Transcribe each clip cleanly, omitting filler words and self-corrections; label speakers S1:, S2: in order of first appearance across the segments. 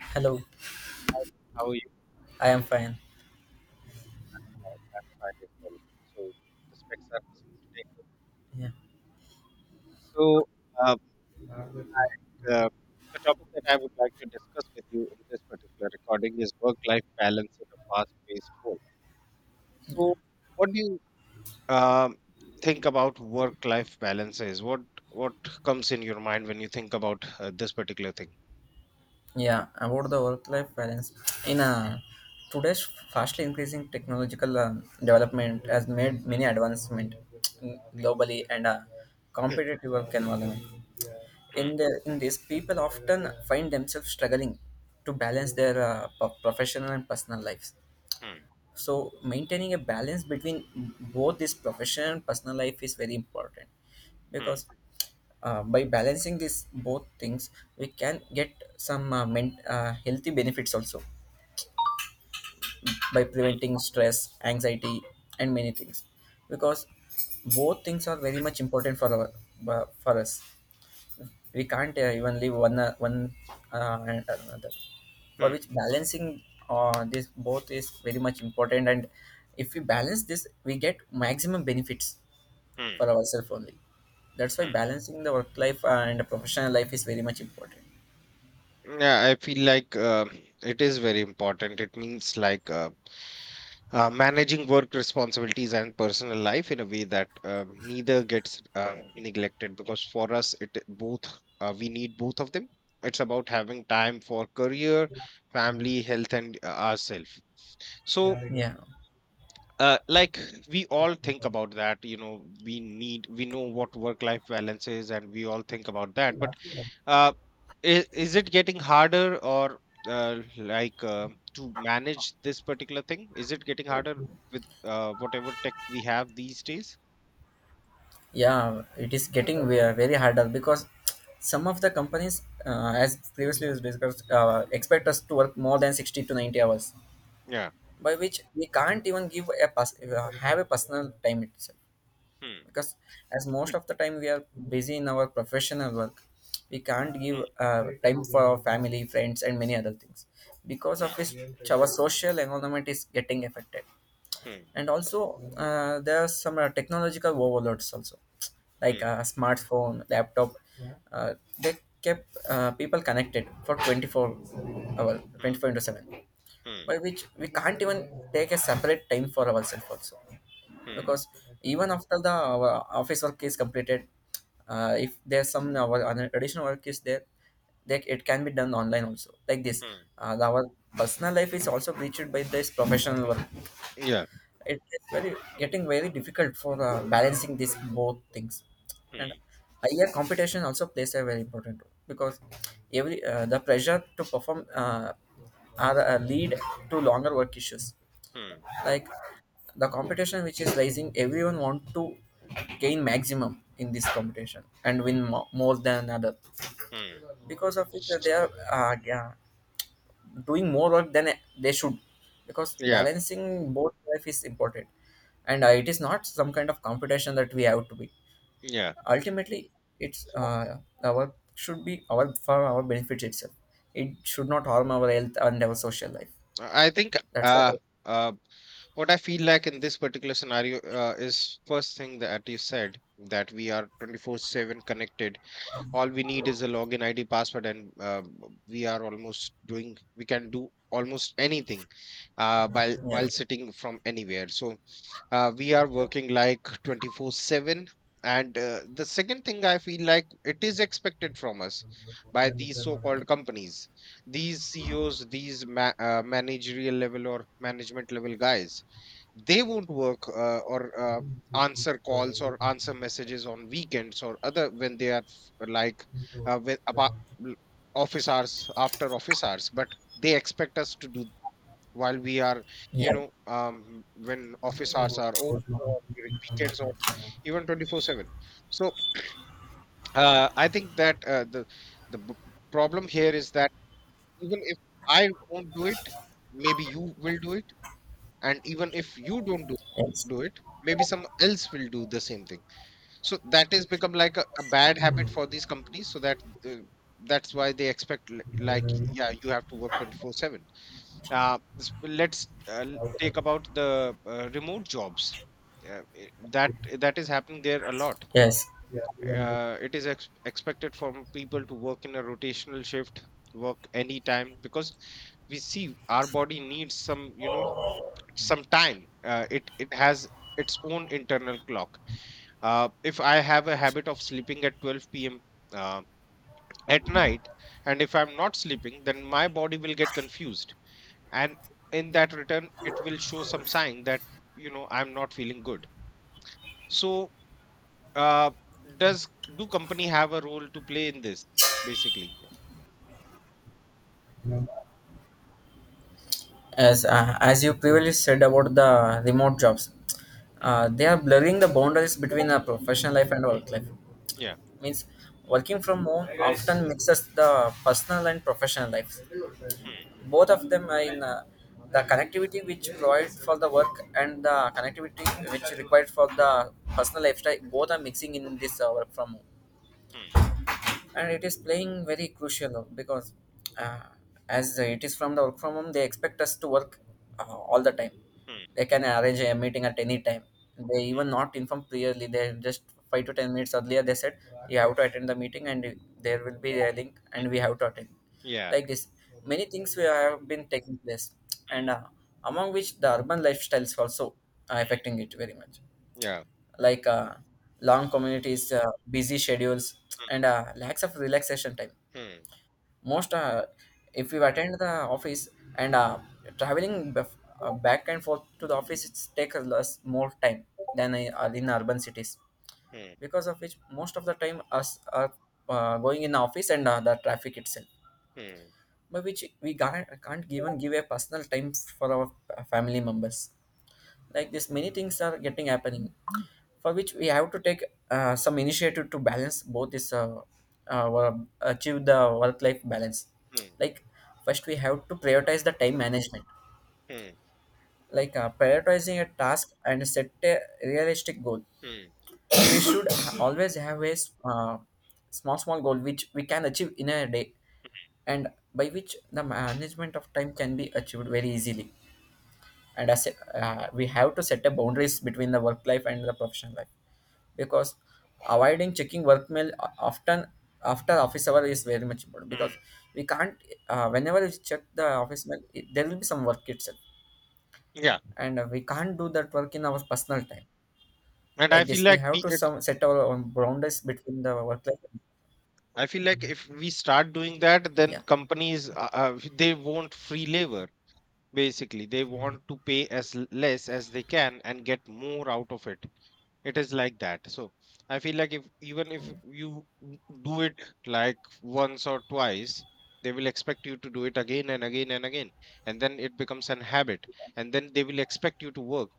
S1: Hello,
S2: Hi, how are you?
S1: I am fine.
S2: Fine, I'm fine as well. So the specs are missing today.
S1: Yeah,
S2: So uh, I, uh, the topic that I would like to discuss with you in this particular recording is work-life balance in a fast-paced world. So what do you um, think about work-life balance is? What comes in your mind when you think about this particular thing?
S1: yeah. About the work-life balance in today's fastly increasing technological development has made many advancement globally and a
S2: Hmm.
S1: competitive work environment.
S2: Hmm.
S1: In this, people often find themselves struggling to balance their professional and personal lives.
S2: Hmm.
S1: So maintaining a balance between both this professional and personal life is very important because by balancing these both things we can get some healthy benefits also by
S2: Hmm.
S1: preventing stress anxiety and many things, because both things are very much important for our for us. We can't even leave one one and another, for
S2: Hmm.
S1: which balancing this both is very much important. And if we balance this we get maximum benefits
S2: Hmm.
S1: for ourselves only. That's why
S2: Hmm.
S1: balancing the work life and the professional life is very much important.
S2: Yeah, I feel like it is very important. It means like managing work responsibilities and personal life in a way that neither gets neglected, because for us it both we need both of them. It's about having time for career, family, health, and ourselves. So
S1: yeah
S2: like, we all think about that, we know what work life balance is, and we all think about that, but uh, is it getting harder, or uh, like uh, to manage this particular thing? Is it getting harder with whatever tech we have these days?
S1: yeah it is getting very harder because some of the companies, as previously was discussed, expect us to work more than 60 to 90 hours,
S2: Yeah.
S1: by which we can't even give a have a personal time itself.
S2: Hmm.
S1: Because as most of the time we are busy in our professional work, we can't give
S2: Hmm.
S1: time for our family, friends and many other things, because
S2: Hmm.
S1: of which our social environment is getting affected.
S2: Hmm.
S1: And also there are some technological overloads also,
S2: Hmm.
S1: like a smartphone, laptop. uh, they kept people connected for 24 hours,
S2: Hmm.
S1: 24 into 7,
S2: Hmm.
S1: by which we can't even take a separate time for ourselves also.
S2: Hmm.
S1: Because even after the our office work is completed, if there's some our an additional work is there, like it can be done online also, like this
S2: Hmm.
S1: our personal life is also breached by this professional work.
S2: Yeah.
S1: It's very getting very difficult for balancing these both things. And
S2: Hmm.
S1: higher competition also plays a very important role, because every the pressure to perform, are lead to longer work issues.
S2: Hmm.
S1: Like the competition which is rising, everyone want to gain maximum in this competition and win more than other,
S2: Hmm.
S1: because of which they are, yeah, doing more work than they should. Because
S2: Yeah.
S1: balancing both life is important, and it is not some kind of competition that we have to be.
S2: Yeah.
S1: Ultimately it's, our should be our for our benefits itself. It should not harm our health and our social life.
S2: I think,
S1: That's what I,
S2: uh, uh, what I feel like in this particular scenario is, first thing that you said, that we are 24/7 connected. All we need is a login id password, and uh, we are almost doing we can do almost anything while
S1: yeah
S2: sitting from anywhere, so we are working like 24/7. And the second thing I feel like, it is expected from us by these so called companies, these CEOs, these managerial level or management level guys. They won't work or answer calls or answer messages on weekends, or other, when they are like with l- office hours, after office hours, but they expect us to do while we are
S1: yeah.
S2: when office hours are over, or during weekends, or even 24/7. So I think that the problem here is that even if I won't do it, maybe you will do it. And even if you don't do
S1: Yes,
S2: do it, maybe some else will do the same thing. So that has become like a bad habit for these companies, so that uh, that's why they expect like, yeah, you have to work 24/7. Let's take about the remote jobs. Uh, i- that that is happening there a lot.
S1: yes.
S2: It is expected from people to work in a rotational shift, work anytime, because we see our body needs some, some time. It has its own internal clock. If I have a habit of sleeping at 12 p.m., uh, at night, and if I'm not sleeping, then my body will get confused, and in that return it will show some sign that I'm not feeling good. So uh, does do company have a role to play in this, basically?
S1: As, as you previously said about the remote jobs,
S2: Hmm.
S1: they are blurring the boundaries between our professional life and work life.
S2: Yeah.
S1: Means working from home often mixes the personal and professional lives.
S2: Hmm.
S1: Both of them are in, the connectivity which provide for the work and the connectivity which required for the personal lifestyle, both are mixing in this work from home.
S2: Hmm.
S1: And it is playing very crucial because uh, as it is from the work from home, they expect us to work all the time.
S2: Hmm.
S1: They can arrange a meeting at any time. They even not inform clearly, they just 5 to 10 minutes earlier they said you have to attend the meeting and there will be a link and we have to attend.
S2: Yeah.
S1: Like this many things we have been taking place. And
S2: Hmm.
S1: among which the urban lifestyles also are affecting it very much.
S2: Hmm. Yeah.
S1: Like long communities, busy schedules,
S2: Hmm.
S1: and lacks of relaxation time.
S2: Hmm.
S1: Most, if you attend the office and traveling back and forth to the office, it's take less more time than in urban cities.
S2: Hmm.
S1: Because of which, most of the time us are going in the office and the traffic itself,
S2: Hmm.
S1: by which we can't even give a personal time for our family members. Like this many things are getting happening, for which we have to take some initiative to balance both this achieve the work life balance. Like first we have to prioritize the time management,
S2: Hmm.
S1: like prioritizing a task and set a realistic goal.
S2: Hmm.
S1: We should always have a small small goal which we can achieve in a day, and by which the management of time can be achieved very easily. And as we have to set a boundaries between the work life and the professional life, because avoiding checking work mail often after office hour is very much important. Because
S2: Hmm.
S1: we can't, whenever we check the office mail it, there will be some work itself,
S2: Yeah,
S1: and we can't do that work in our personal time.
S2: and I
S1: Like
S2: feel
S1: this we
S2: like
S1: have to some set our own boundaries between the work life.
S2: I feel like, if we start doing that, then
S1: Yeah.
S2: companies they want free labor. Basically, they want to pay as less as they can and get more out of it. It is like that, so I feel like, if even if you do it, like, once or twice, they will expect you to do it again and again and again. And then it becomes an habit, and then they will expect you to work,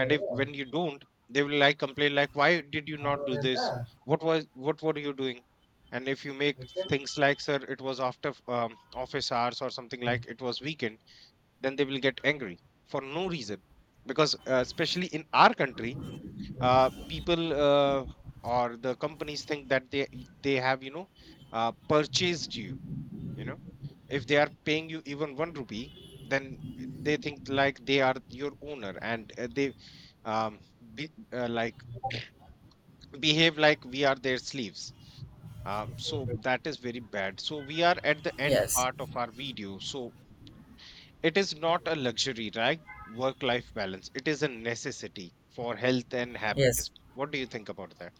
S2: and if, when you don't, they will like complain, like, why did you not do this? What were you doing? And if you make things like, sir, it was after office hours, or something, like, it was weekend, then they will get angry for no reason. Because especially in our country, people, or the companies, think that they have, purchased you. You know If they are paying you even one rupee, then they think like they are your owner. And they um, be, like behave like we are their slaves. So that is very bad. So we are at the end
S1: Yes,
S2: part of our video, so it is not a luxury, right? work life balance, it is a necessity for health and happiness.
S1: yes.
S2: What do you think about that?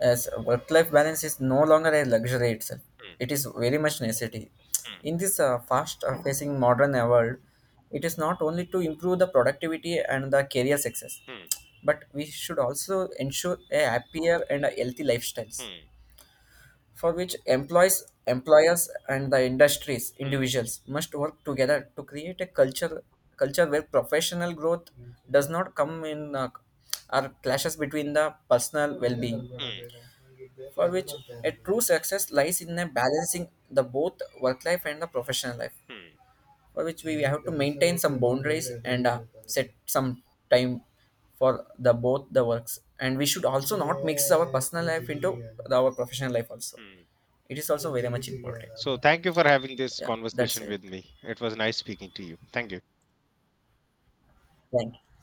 S1: As work-life balance is no longer a luxury itself, it is very much necessity
S2: Hmm.
S1: in this fast facing modern world. It is not only to improve the productivity and the career success,
S2: Hmm.
S1: but we should also ensure a happier and a healthy lifestyles,
S2: Hmm.
S1: for which employees, employers, and the industries,
S2: Hmm.
S1: individuals must work together to create a culture where professional growth does not come in or clashes between the personal well-being.
S2: Hmm.
S1: For which a true success lies in a balancing the both work life and the professional life.
S2: Hmm.
S1: For which we have to maintain some boundaries and set some time for the both the works. And we should also not mix our personal life into our professional life also.
S2: Mm.
S1: It is also very much important.
S2: So, thank you for having this
S1: Yeah, that's
S2: conversation
S1: it.
S2: with me. It was nice speaking to you. Thank you.
S1: Thank you.